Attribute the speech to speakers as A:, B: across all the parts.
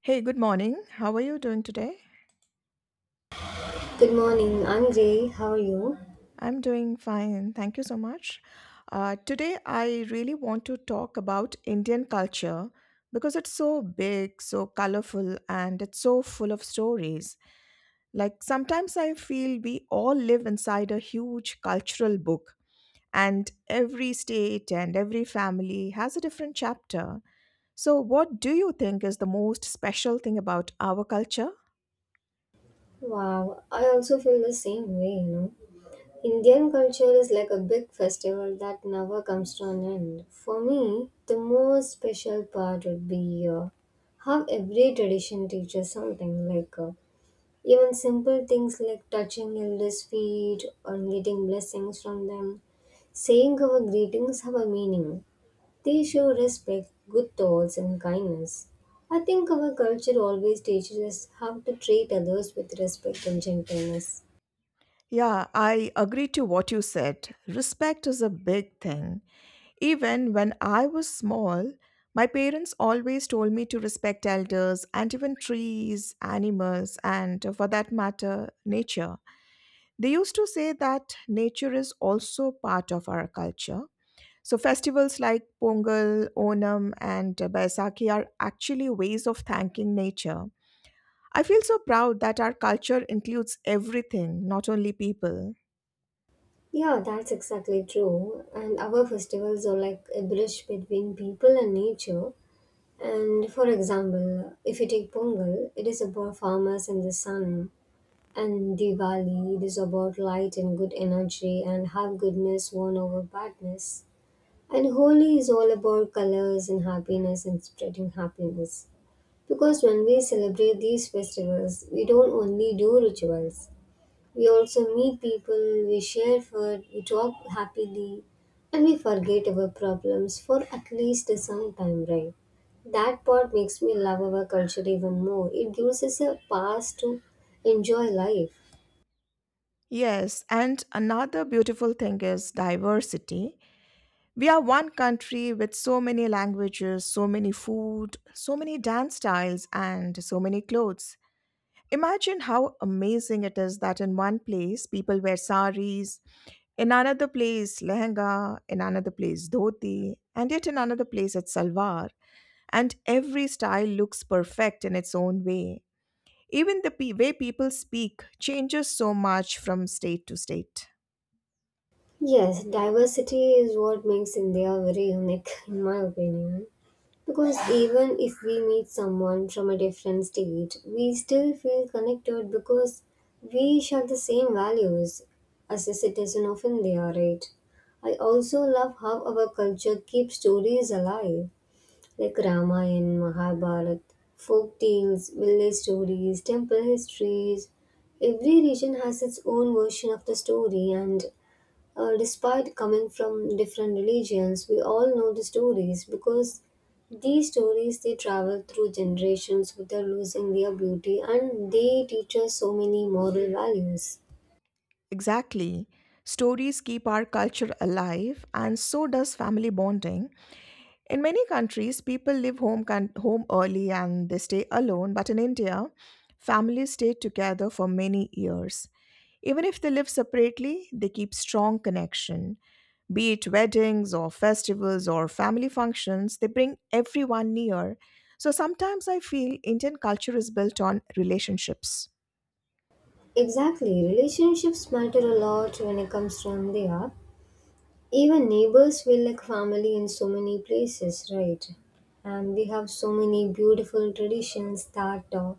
A: Hey, good morning. How are you doing today?
B: Good morning. I'm Gray. How are you?
A: I'm doing fine. Thank you so much. Today, I really want to talk about Indian culture because it's so big, so colorful, and it's so full of stories. Like sometimes I feel we all live inside a huge cultural book, and every state and every family has a different chapter. So, what do you think is the most special thing about our culture?
B: Wow, I also feel the same way, you know. Indian culture is like a big festival that never comes to an end. For me, the most special part would be, how every tradition teaches something, like, even simple things like touching elders' feet or getting blessings from them. Saying our greetings have a meaning, they show respect, good thoughts, and kindness. I think our culture always teaches us how to treat others with respect and gentleness.
A: Yeah, I agree to what you said. Respect is a big thing. Even when I was small, my parents always told me to respect elders and even trees, animals, and for that matter, nature. They used to say that nature is also part of our culture. So, festivals like Pongal, Onam, and Baisakhi are actually ways of thanking nature. I feel so proud that our culture includes everything, not only people.
B: Yeah, that's exactly true. And our festivals are like a bridge between people and nature. And for example, if you take Pongal, it is about farmers and the sun. And Diwali, it is about light and good energy and how goodness won over badness. And Holi is all about colors and happiness and spreading happiness. Because when we celebrate these festivals, we don't only do rituals, we also meet people, we share food, we talk happily, and we forget our problems for at least some time, right? That part makes me love our culture even more. It gives us a pass to enjoy life.
A: Yes, and another beautiful thing is diversity. We are one country with so many languages, so many food, so many dance styles, and so many clothes. Imagine how amazing it is that in one place people wear saris, in another place lehenga, in another place dhoti, and yet in another place it's salwar. And every style looks perfect in its own way. Even the way people speak changes so much from state to state.
B: Yes, diversity is what makes India very unique, in my opinion. Because even if we meet someone from a different state, we still feel connected because we share the same values as a citizen of India, right? I also love how our culture keeps stories alive, like Ramayana, Mahabharata, folk tales, village stories, temple histories. Every region has its own version of the story, and, despite coming from different religions, we all know the stories because these stories they travel through generations without losing their beauty and they teach us so many moral values.
A: Exactly. Stories keep our culture alive, and so does family bonding. In many countries, people leave home, home early and they stay alone, but in India, families stay together for many years. Even if they live separately, they keep strong connection. Be it weddings or festivals or family functions, they bring everyone near. So sometimes I feel Indian culture is built on relationships.
B: Exactly, relationships matter a lot when it comes to India. Even neighbors feel like family in so many places, right? And we have so many beautiful traditions that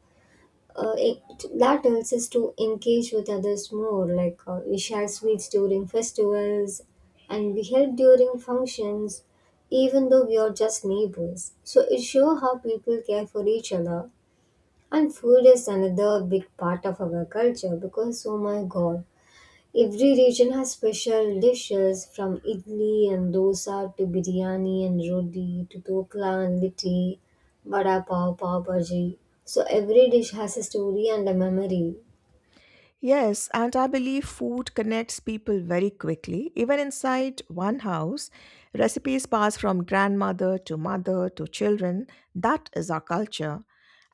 B: uh, it, that helps us to engage with others more. Like, we share sweets during festivals and we help during functions, even though we are just neighbors. So it shows how people care for each other. And food is another big part of our culture because, oh my god, every region has special dishes from idli and dosa to biryani and roti to dokla and litti, vada pav, pav bhaji. So every dish has a story and a memory.
A: Yes, and I believe food connects people very quickly. Even inside one house, recipes pass from grandmother to mother to children. That is our culture.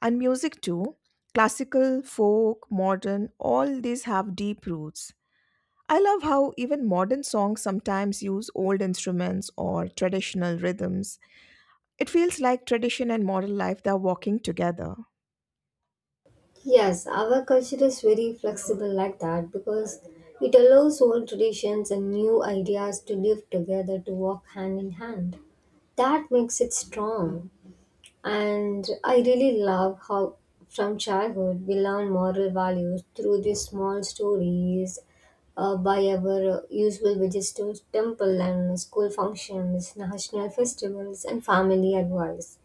A: And music too. Classical, folk, modern, all these have deep roots. I love how even modern songs sometimes use old instruments or traditional rhythms. It feels like tradition and modern life they are walking together.
B: Yes, our culture is very flexible like that because it allows old traditions and new ideas to live together to walk hand in hand. That makes it strong. And I really love how from childhood we learn moral values through these small stories by our usual visits to temple and school functions, national festivals, and family advice.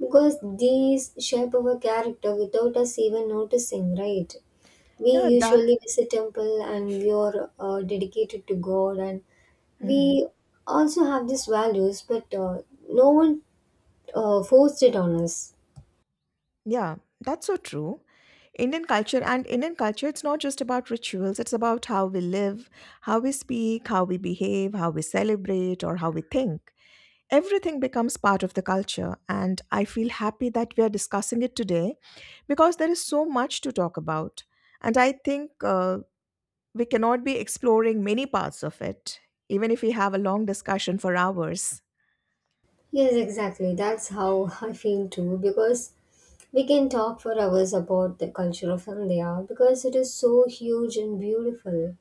B: Because these shape our character without us even noticing, right? We
A: Yeah, that.
B: usually visit temple and we are dedicated to God, and
A: Mhm.
B: we also have these values, but no one forced it on us.
A: Yeah, that's so true. Indian culture, it's not just about rituals, it's about how we live, how we speak, how we behave, how we celebrate, or how we think. Everything becomes part of the culture, and I feel happy that we are discussing it today because there is so much to talk about. And I think we cannot be exploring many parts of it, even if we have a long discussion for hours.
B: Yes, exactly. That's how I feel too because we can talk for hours about the culture of India because it is so huge and beautiful.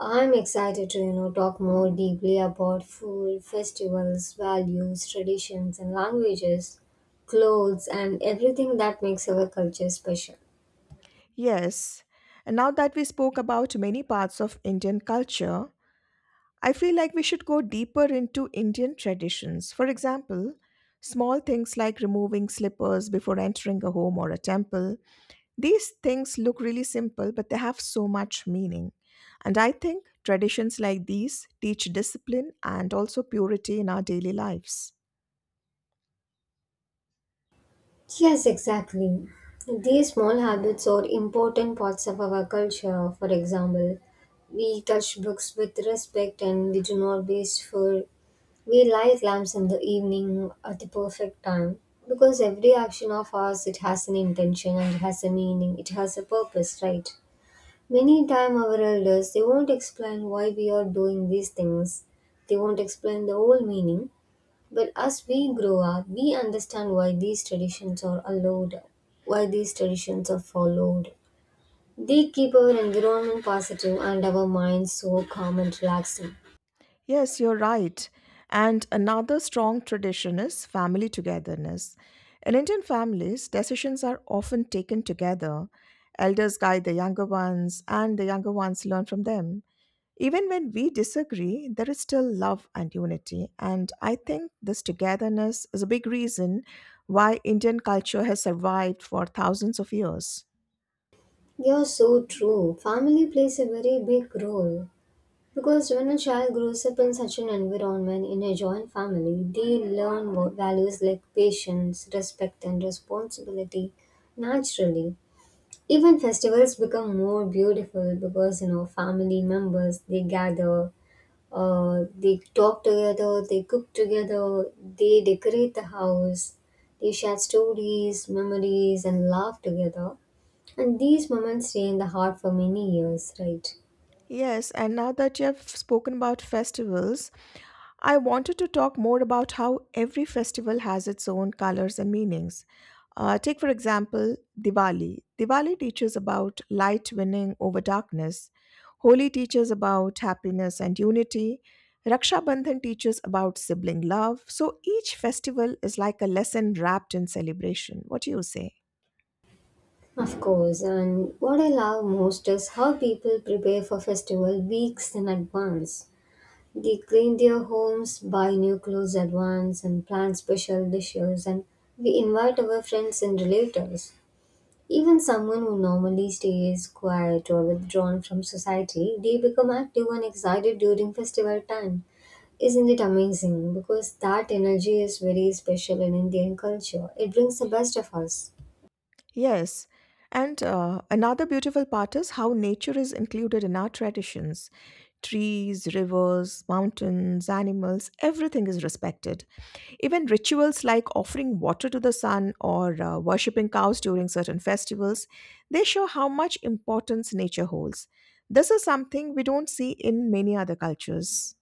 B: I'm excited to, you know, talk more deeply about food, festivals, values, traditions and languages, clothes and everything that makes our culture special.
A: Yes. And now that we spoke about many parts of Indian culture, I feel like we should go deeper into Indian traditions. For example, small things like removing slippers before entering a home or a temple, these things look really simple, but they have so much meaning. And I think traditions like these teach discipline and also purity in our daily lives.
B: Yes, exactly. These small habits are important parts of our culture. For example, we touch books with respect and we do not waste food. We light lamps in the evening at the perfect time because every action of ours it has an intention and it has a meaning. It has a purpose, right? Many time our elders they won't explain why we are doing these things. They won't explain the whole meaning, but as we grow up, we understand why these traditions are allowed, why these traditions are followed. They keep our environment positive and our minds so calm and relaxing.
A: Yes, you're right. And another strong tradition is family togetherness. In Indian families, decisions are often taken together. Elders guide the younger ones, and the younger ones learn from them. Even when we disagree, there is still love and unity. And I think this togetherness is a big reason why Indian culture has survived for thousands of years.
B: You're so true. Family plays a very big role. Because when a child grows up in such an environment, in a joint family, they learn values like patience, respect, and responsibility naturally. Even festivals become more beautiful because you know family members they gather. They talk together, they cook together, they decorate the house, they share stories, memories, and laugh together. And these moments stay in the heart for many years, right?
A: Yes, and now that you have spoken about festivals, I wanted to talk more about how every festival has its own colors and meanings. Take, for example, Diwali. Diwali teaches about light winning over darkness. Holi teaches about happiness and unity. Raksha Bandhan teaches about sibling love. So each festival is like a lesson wrapped in celebration. What do you say?
B: Of course, and what I love most is how people prepare for festival weeks in advance. They clean their homes, buy new clothes advance, and plan special dishes. And we invite our friends and relatives. Even someone who normally stays quiet or withdrawn from society, they become active and excited during festival time. Isn't it amazing? Because that energy is very special in Indian culture. It brings the best of us.
A: Yes. And another beautiful part is how nature is included in our traditions. Trees, rivers, mountains, animals, everything is respected. Even rituals like offering water to the sun or worshipping cows during certain festivals, they show how much importance nature holds. This is something we don't see in many other cultures.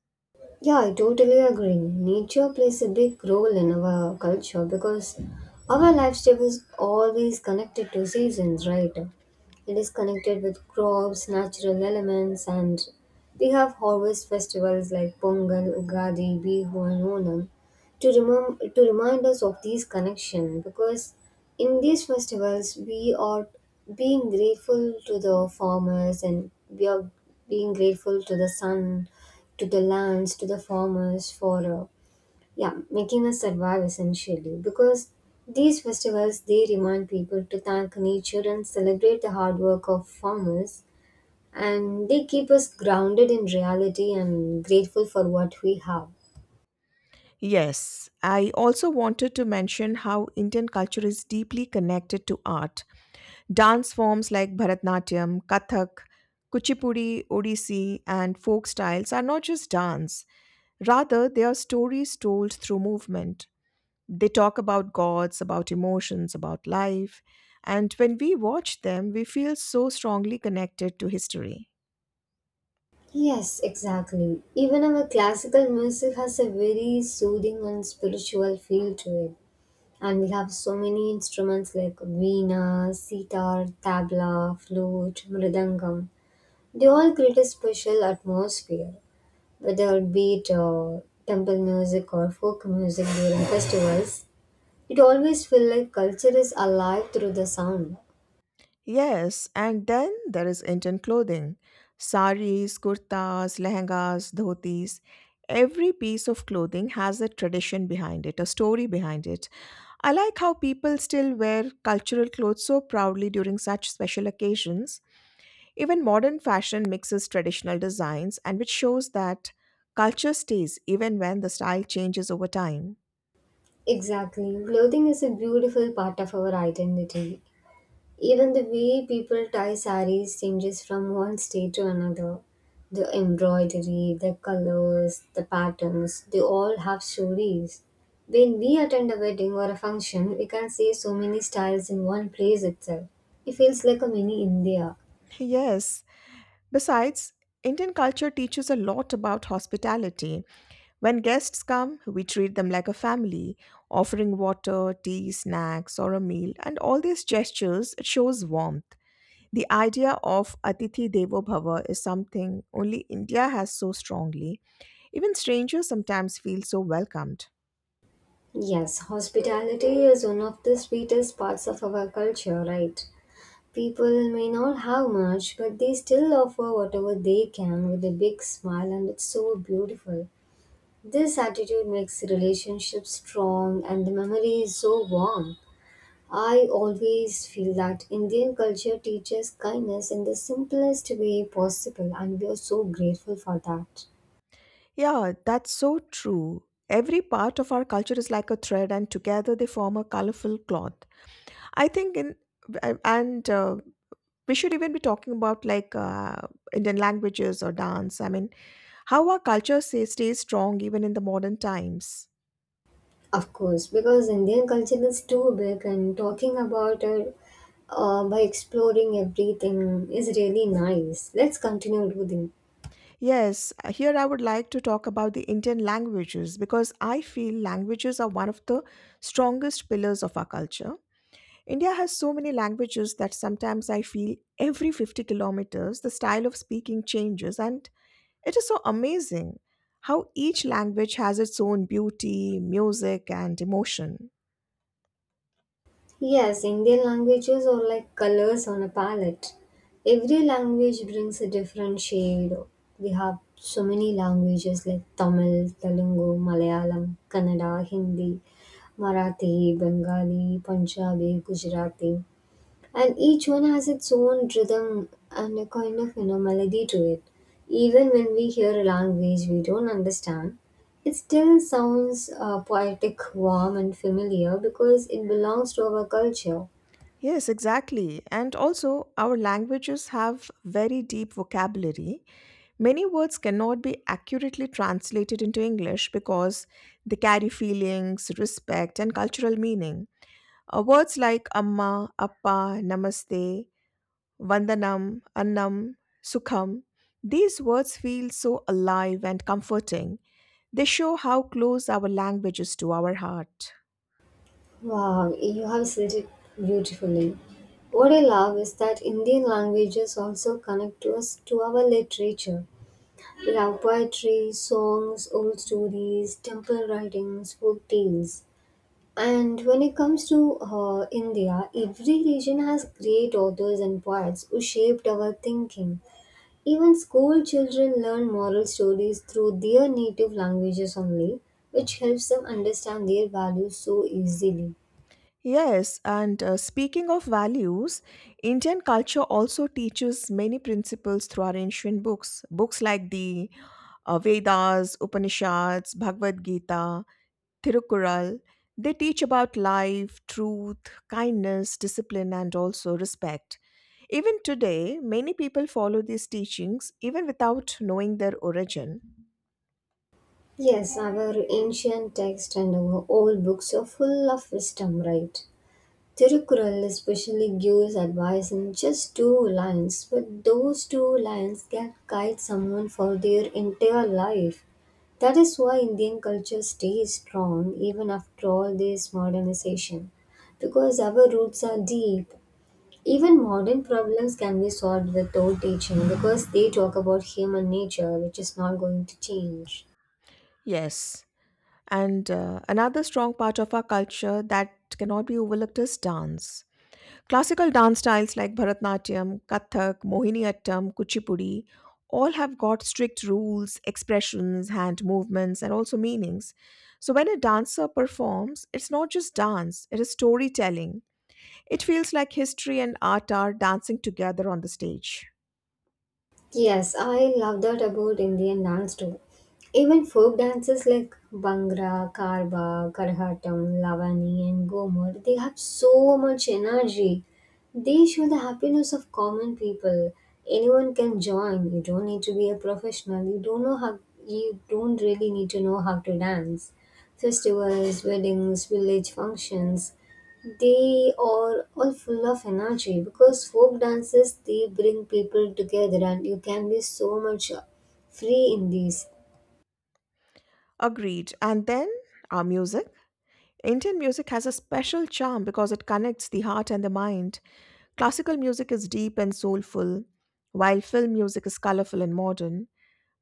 B: Yeah, I totally agree. Nature plays a big role in our culture because our lifestyle is always connected to seasons, right? It is connected with crops, natural elements, and we have harvest festivals like Pongal, Ugadi, Bihu, and Onam to remind us of these connections because in these festivals we are being grateful to the farmers and we are being grateful to the sun, to the lands, to the farmers for yeah, making us survive essentially. Because these festivals, they remind people to thank nature and celebrate the hard work of farmers. And they keep us grounded in reality and grateful for what we have.
A: Yes, I also wanted to mention how Indian culture is deeply connected to art. Dance forms like Bharatnatyam, Kathak, Kuchipudi, Odissi, and folk styles are not just dance. Rather, they are stories told through movement. They talk about gods, about emotions, about life. And when we watch them, we feel so strongly connected to history.
B: Yes, exactly. Even our classical music has a very soothing and spiritual feel to it. And we have so many instruments like veena, sitar, tabla, flute, mridangam. They all create a special atmosphere, whether it be it temple music or folk music during festivals. It always feels like culture is alive through the sound.
A: Yes, and then there is Indian clothing. Saris, kurtas, lehengas, dhotis. Every piece of clothing has a tradition behind it, a story behind it. I like how people still wear cultural clothes so proudly during such special occasions. Even modern fashion mixes traditional designs, and which shows that culture stays even when the style changes over time.
B: Exactly. Clothing is a beautiful part of our identity. Even the way people tie saris changes from one state to another. The embroidery, the colors, the patterns, they all have stories. When we attend a wedding or a function, we can see so many styles in one place itself. It feels like a mini India.
A: Yes. Besides, Indian culture teaches a lot about hospitality. When guests come, we treat them like a family, offering water, tea, snacks, or a meal, and all these gestures it shows warmth. The idea of Atithi Devo Bhava is something only India has so strongly. Even strangers sometimes feel so welcomed.
B: Yes, hospitality is one of the sweetest parts of our culture, right? People may not have much, but they still offer whatever they can with a big smile, and it's so beautiful. This attitude makes relationships strong and the memory is so warm. I always feel that Indian culture teaches kindness in the simplest way possible, and we are so grateful for that.
A: Yeah, that's so true. Every part of our culture is like a thread, and together they form a colorful cloth. I think in and We should even be talking about like Indian languages or dance. I mean, how our culture say, stays strong even in the modern times.
B: Of course, because Indian culture is too big, and talking about it by exploring everything is really nice. Let's continue with.
A: Yes, here I would like to talk about the Indian languages because I feel languages are one of the strongest pillars of our culture. India has so many languages that sometimes I feel every 50 kilometers the style of speaking changes, and it is so amazing how each language has its own beauty, music, and emotion.
B: Yes, Indian languages are like colors on a palette. Every language brings a different shade. We have so many languages like Tamil, Telugu, Malayalam, Kannada, Hindi, Marathi, Bengali, Punjabi, Gujarati, and each one has its own rhythm and a kind of, you know, melody to it. Even when we hear a language we don't understand, it still sounds poetic, warm and familiar because it belongs to our culture.
A: Yes, exactly. And also, our languages have very deep vocabulary. Many words cannot be accurately translated into English because they carry feelings, respect, and cultural meaning. Words like amma, appa, namaste, vandanam, annam, sukham, these words feel so alive and comforting. They show how close our language is to our heart.
B: Wow, you have said it beautifully. What I love is that Indian languages also connect to us to our literature. We have poetry, songs, old stories, temple writings, folk tales. And when it comes to India, every region has great authors and poets who shaped our thinking. Even school children learn moral stories through their native languages only, which helps them understand their values so easily.
A: Yes, and speaking of values, Indian culture also teaches many principles through our ancient books. Books like the Vedas, Upanishads, Bhagavad Gita, Thirukural. They teach about life, truth, kindness, discipline, and also respect. Even today, many people follow these teachings even without knowing their origin.
B: Yes, our ancient texts and our old books are full of wisdom, right? Tirukural especially gives advice in just two lines, but those two lines can guide someone for their entire life. That is why Indian culture stays strong even after all this modernization. Because our roots are deep. Even modern problems can be solved with old teaching because they talk about human nature, which is not going to change.
A: Yes. And another strong part of our culture that cannot be overlooked is dance. Classical dance styles like Bharatanatyam, Kathak, Mohiniyattam, Kuchipudi all have got strict rules, expressions, hand movements, and also meanings. So when a dancer performs, it's not just dance, it is storytelling. It feels like history and art are dancing together on the stage.
B: Yes, I love that about Indian dance too. Even folk dances like Bhangra, Karba, Karhatam, Lavani, and Gomur, they have so much energy. They show the happiness of common people. Anyone can join. You don't need to be a professional. You don't know how. You don't really need to know how to dance. Festivals, weddings, village functions, they are all full of energy because folk dances they bring people together and you can be so much free in these.
A: Agreed. And then our music. Indian music has a special charm because it connects the heart and the mind. Classical music is deep and soulful, while film music is colorful and modern.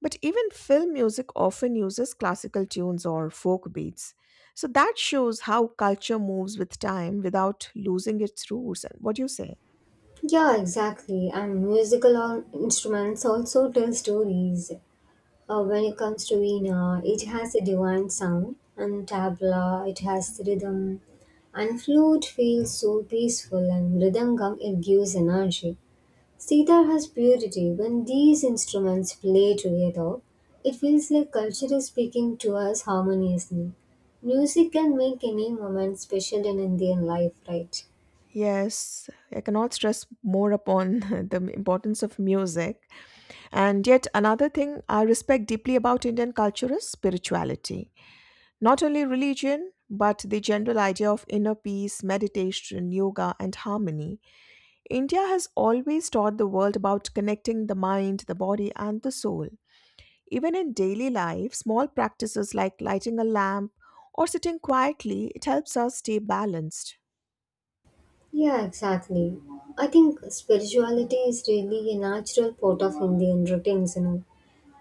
A: But even film music often uses classical tunes or folk beats. So that shows how culture moves with time without losing its roots. And what do you say?
B: Yeah, exactly. And musical instruments also tell stories. When it comes to veena, it has a divine sound, and tabla, it has rhythm. And flute feels so peaceful, and mridangam, it gives energy. Sitar has purity. When these instruments play together, it feels like culture is speaking to us harmoniously. Music can make any moment special in Indian life, right?
A: Yes, I cannot stress more upon the importance of music. And yet, another thing I respect deeply about Indian culture is spirituality. Not only religion, but the general idea of inner peace, meditation, yoga, and harmony. India has always taught the world about connecting the mind, the body, and the soul. Even in daily life, small practices like lighting a lamp or sitting quietly, it helps us stay balanced.
B: Yeah, exactly. I think spirituality is really a natural part of Indian routines, you know.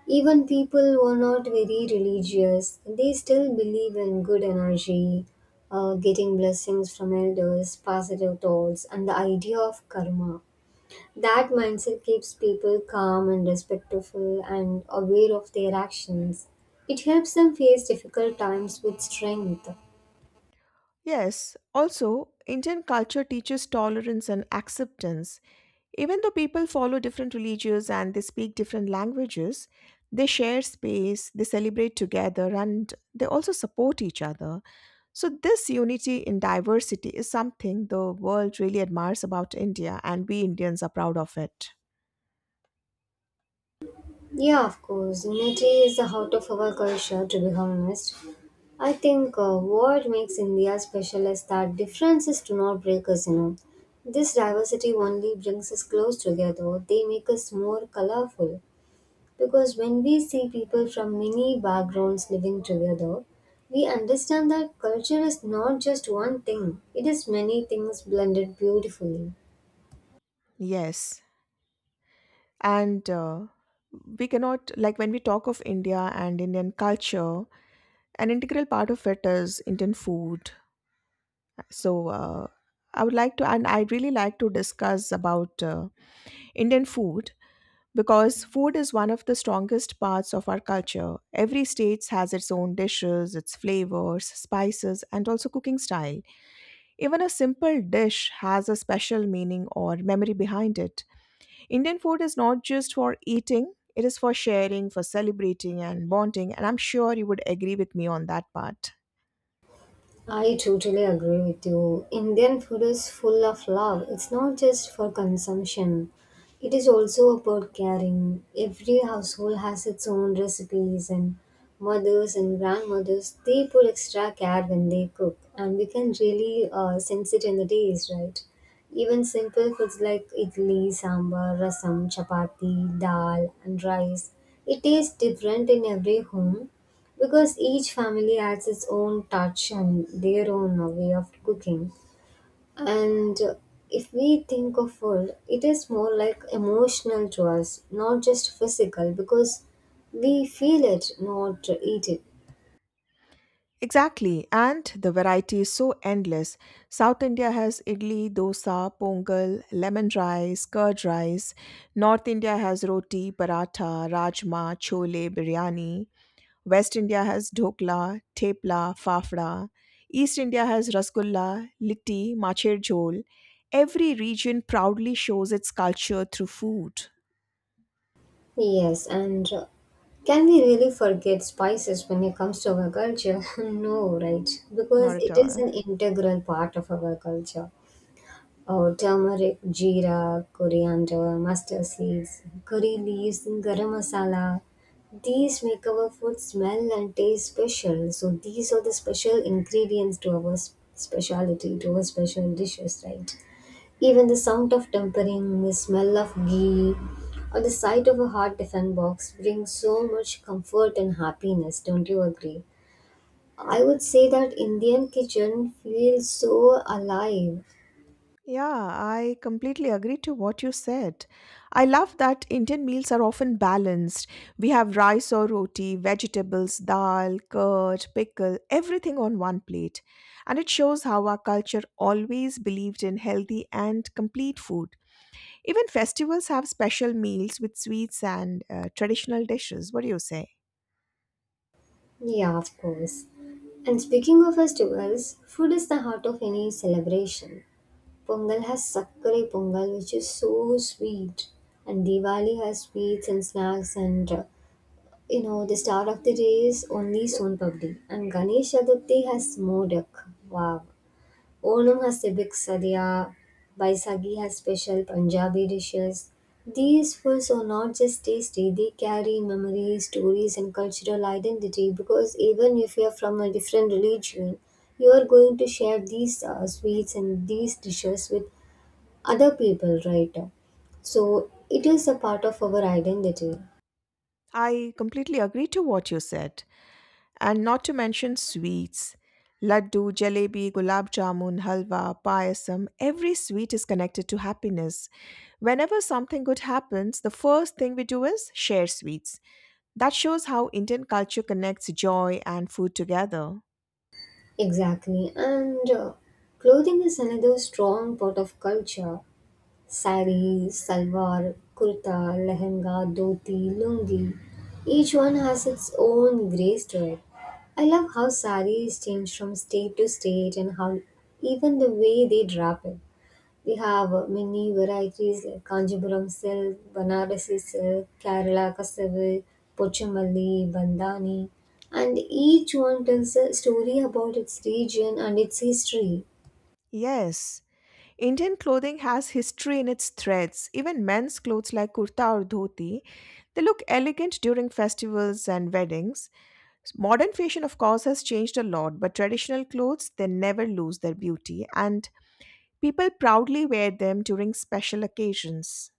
B: Even people who are not very religious, they still believe in good energy, getting blessings from elders, positive thoughts, and the idea of karma. That mindset keeps people calm and respectful and aware of their actions. It helps them face difficult times with strength.
A: Yes, also, Indian culture teaches tolerance and acceptance. Even though people follow different religions and they speak different languages, they share space, they celebrate together, and they also support each other. So, this unity in diversity is something the world really admires about India, and we Indians are proud of it.
B: Yeah, of course, unity is the heart of our culture, to be honest. I think what makes India special is that differences do not break us, you know. This diversity only brings us close together, they make us more colorful. Because when we see people from many backgrounds living together, we understand that culture is not just one thing, it is many things blended beautifully.
A: Yes. And we cannot, like when we talk of India and Indian culture, an integral part of it is Indian food, so I would like to, and I'd really like to discuss about Indian food because food is one of the strongest parts of our culture. Every state has its own dishes, its flavors, spices, and also cooking style. Even a simple dish has a special meaning or memory behind it. Indian food is not just for eating, it is for sharing, for celebrating and bonding, and I'm sure you would agree with me on that part.
B: I totally agree with you. Indian food is full of love. It's not just for consumption, it is also about caring. Every household has its own recipes, and mothers and grandmothers they put extra care when they cook, and we can really sense it in the taste, right? Even simple foods like idli, sambar, rasam, chapati, dal, and rice. It tastes different in every home, because each family adds its own touch and their own way of cooking and if we think of food it is more like emotional to us not just physical because we feel it not eat it.
A: Exactly, and the variety is so endless. South India has idli, dosa, pongal, lemon rice, curd rice. North India has roti, paratha, rajma, chole, biryani. West India has dhokla, tepla, fafda. East India has rasgulla, litti, macher jhol. Every region proudly shows its culture through food.
B: Yes, and can we really forget spices when it comes to our culture no, right?
A: Not
B: Because
A: at
B: it is
A: all.
B: an integral part of our culture. Oh, turmeric, jeera, coriander, mustard seeds, curry leaves, and garam masala. These make our food smell and taste special. So these are the special ingredients to our speciality, to our special dishes, right? Even the sound of tempering, the smell of ghee, or the sight of a hot tiffin box brings so much comfort and happiness. Don't you agree? I would say that Indian kitchen feels so alive.
A: Yeah, I completely agree to what you said. I love that Indian meals are often balanced. We have rice or roti, vegetables, dal, curd, pickle, everything on one plate. And it shows how our culture always believed in healthy and complete food. Even festivals have special meals with sweets and traditional dishes. What do you say?
B: Yeah, of course. And speaking of festivals, food is the heart of any celebration. Pongal has Sakkare Pongal, which is so sweet, and Diwali has sweets and snacks, and you know, the start of the day is only Son Papdi, and Ganesh Chaturthi has Modak. Wow. Onam has tibik sadhya, Baisagi has special Punjabi dishes. These foods are not just tasty, they carry memories, stories, and cultural identity, because even if you are from a different religion, you are going to share these sweets and these dishes with other people, right? So it is a part of our identity.
A: I completely agree to what you said. And not to mention sweets. Laddu, jalebi, gulab jamun, halwa, payasam, every sweet is connected to happiness. Whenever something good happens, the first thing we do is share sweets. That shows how Indian culture connects joy and food together.
B: Exactly. And clothing is another strong part of culture. Sari, salwar, kurta, lehenga, dhoti, lungi. Each one has its own grace to it. I love how saris change from state to state and how even the way they wrap it. We have many varieties like Kanjipuram silk, Banarasi silk, Kerala Kasavil, Pochamalli, Bandhani, and each one tells a story about its region and its history.
A: Yes, Indian clothing has history in its threads. Even men's clothes like kurta or dhoti, they look elegant during festivals and weddings. Modern fashion, of course, has changed a lot, but traditional clothes, they never lose their beauty, and people proudly wear them during special occasions.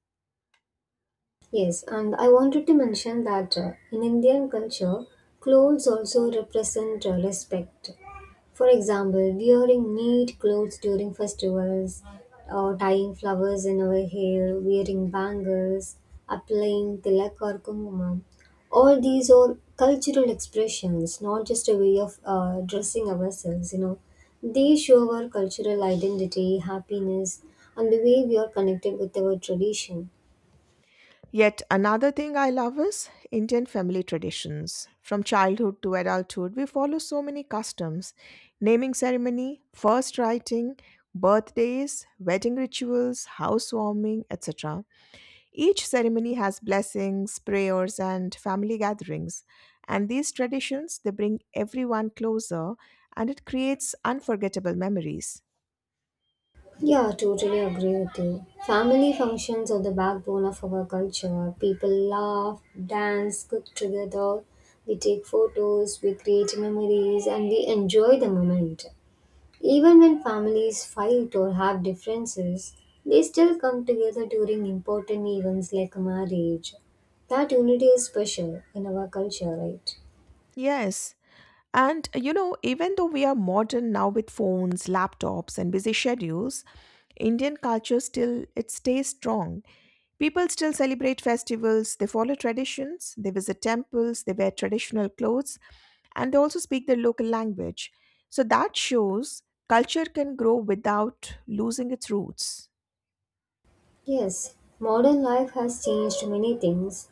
B: Yes, and I wanted to mention that in Indian culture, clothes also represent respect. For example, wearing neat clothes during festivals, or tying flowers in our hair, wearing bangles, applying tilak or kumkumam. All these are cultural expressions, not just a way of dressing ourselves, you know. They show our cultural identity, happiness, and the way we are connected with our tradition.
A: Yet another thing I love is Indian family traditions. From childhood to adulthood, we follow so many customs: naming ceremony, first writing, birthdays, wedding rituals, housewarming, etc. Each ceremony has blessings, prayers, and family gatherings. And these traditions, they bring everyone closer and it creates unforgettable memories.
B: Yeah, totally agree with you. Family functions are the backbone of our culture. People laugh, dance, cook together, we take photos, we create memories, and we enjoy the moment. Even when families fight or have differences, they still come together during important events like marriage. That unity is special in our culture, right?
A: Yes. And you know, even though we are modern now with phones, laptops, and busy schedules, Indian culture still it stays strong. People still celebrate festivals, they follow traditions, they visit temples, they wear traditional clothes, and they also speak their local language. So that shows culture can grow without losing its roots.
B: Yes, modern life has changed many things,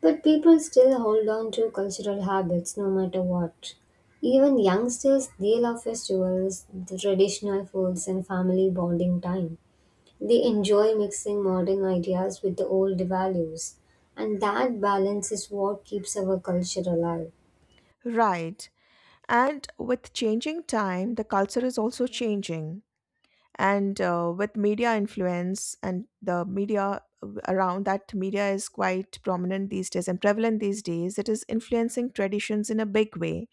B: but people still hold on to cultural habits no matter what. Even youngsters, they love festivals, the traditional foods, and family bonding time. They enjoy mixing modern ideas with the old values, and that balance is what keeps our culture alive.
A: Right. And with changing time, the culture is also changing. And with media influence and the media around, that media is quite prominent these days and prevalent these days, it is influencing traditions in a big way.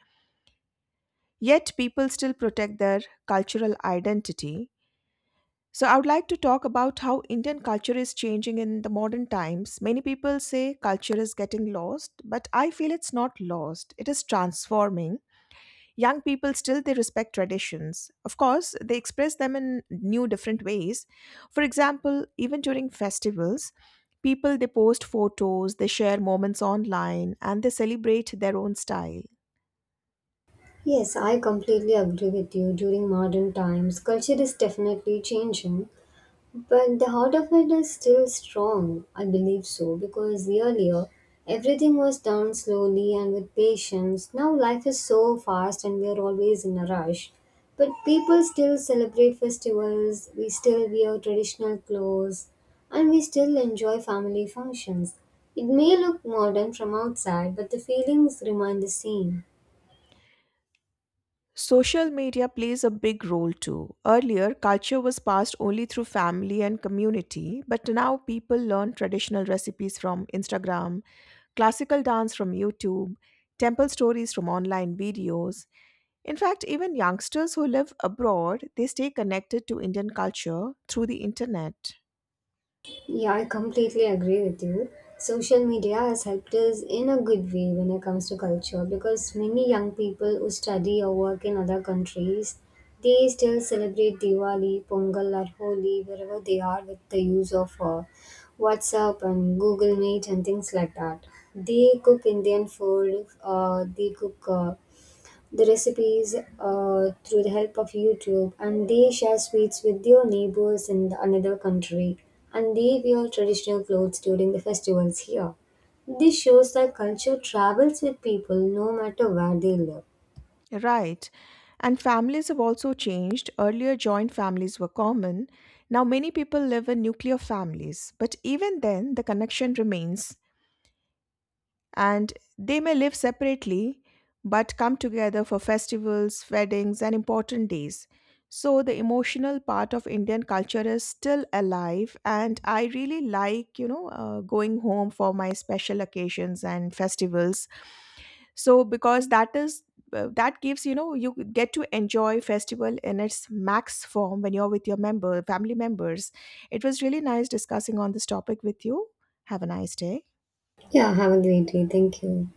A: Yet people still protect their cultural identity. So, I would like to talk about how Indian culture is changing in the modern times. Many people say culture is getting lost, but I feel it's not lost. It is transforming. Young people still they respect traditions. Of course, they express them in new different ways. For example, even during festivals, people they post photos, they share moments online, and they celebrate their own style.
B: Yes, I completely agree with you. During modern times, culture is definitely changing, but the heart of it is still strong, I believe so, because earlier everything was done slowly and with patience. Now life is so fast and we are always in a rush. But people still celebrate festivals, we still wear traditional clothes, and we still enjoy family functions. It may look modern from outside, but the feelings remain the same.
A: Social media plays a big role too. Earlier, culture was passed only through family and community, but now people learn traditional recipes from Instagram, classical dance from YouTube, temple stories from online videos. In fact, even youngsters who live abroad, they stay connected to Indian culture through the internet.
B: Yeah, I completely agree with you. Social media has helped us in a good way when it comes to culture because many young people who study or work in other countries, they still celebrate Diwali, Pongal or Holi wherever they are with the use of WhatsApp and Google Meet and things like that. They cook Indian food, they cook the recipes through the help of YouTube, and they share sweets with their neighbors in the another country, and they wear traditional clothes during the festivals here. This shows that culture travels with people no matter where they live.
A: Right. And families have also changed. Earlier, joint families were common. Now, many people live in nuclear families, but even then, the connection remains. And they may live separately but come together for festivals, weddings, and important days. So the emotional part of Indian culture is still alive, and I really like, you know, going home for my special occasions and festivals. So because that gives you know you get to enjoy festival in its max form when you're with your member family members. It was really nice discussing on this topic with you. Have a nice day.
B: Yeah, have a great day. Thank you.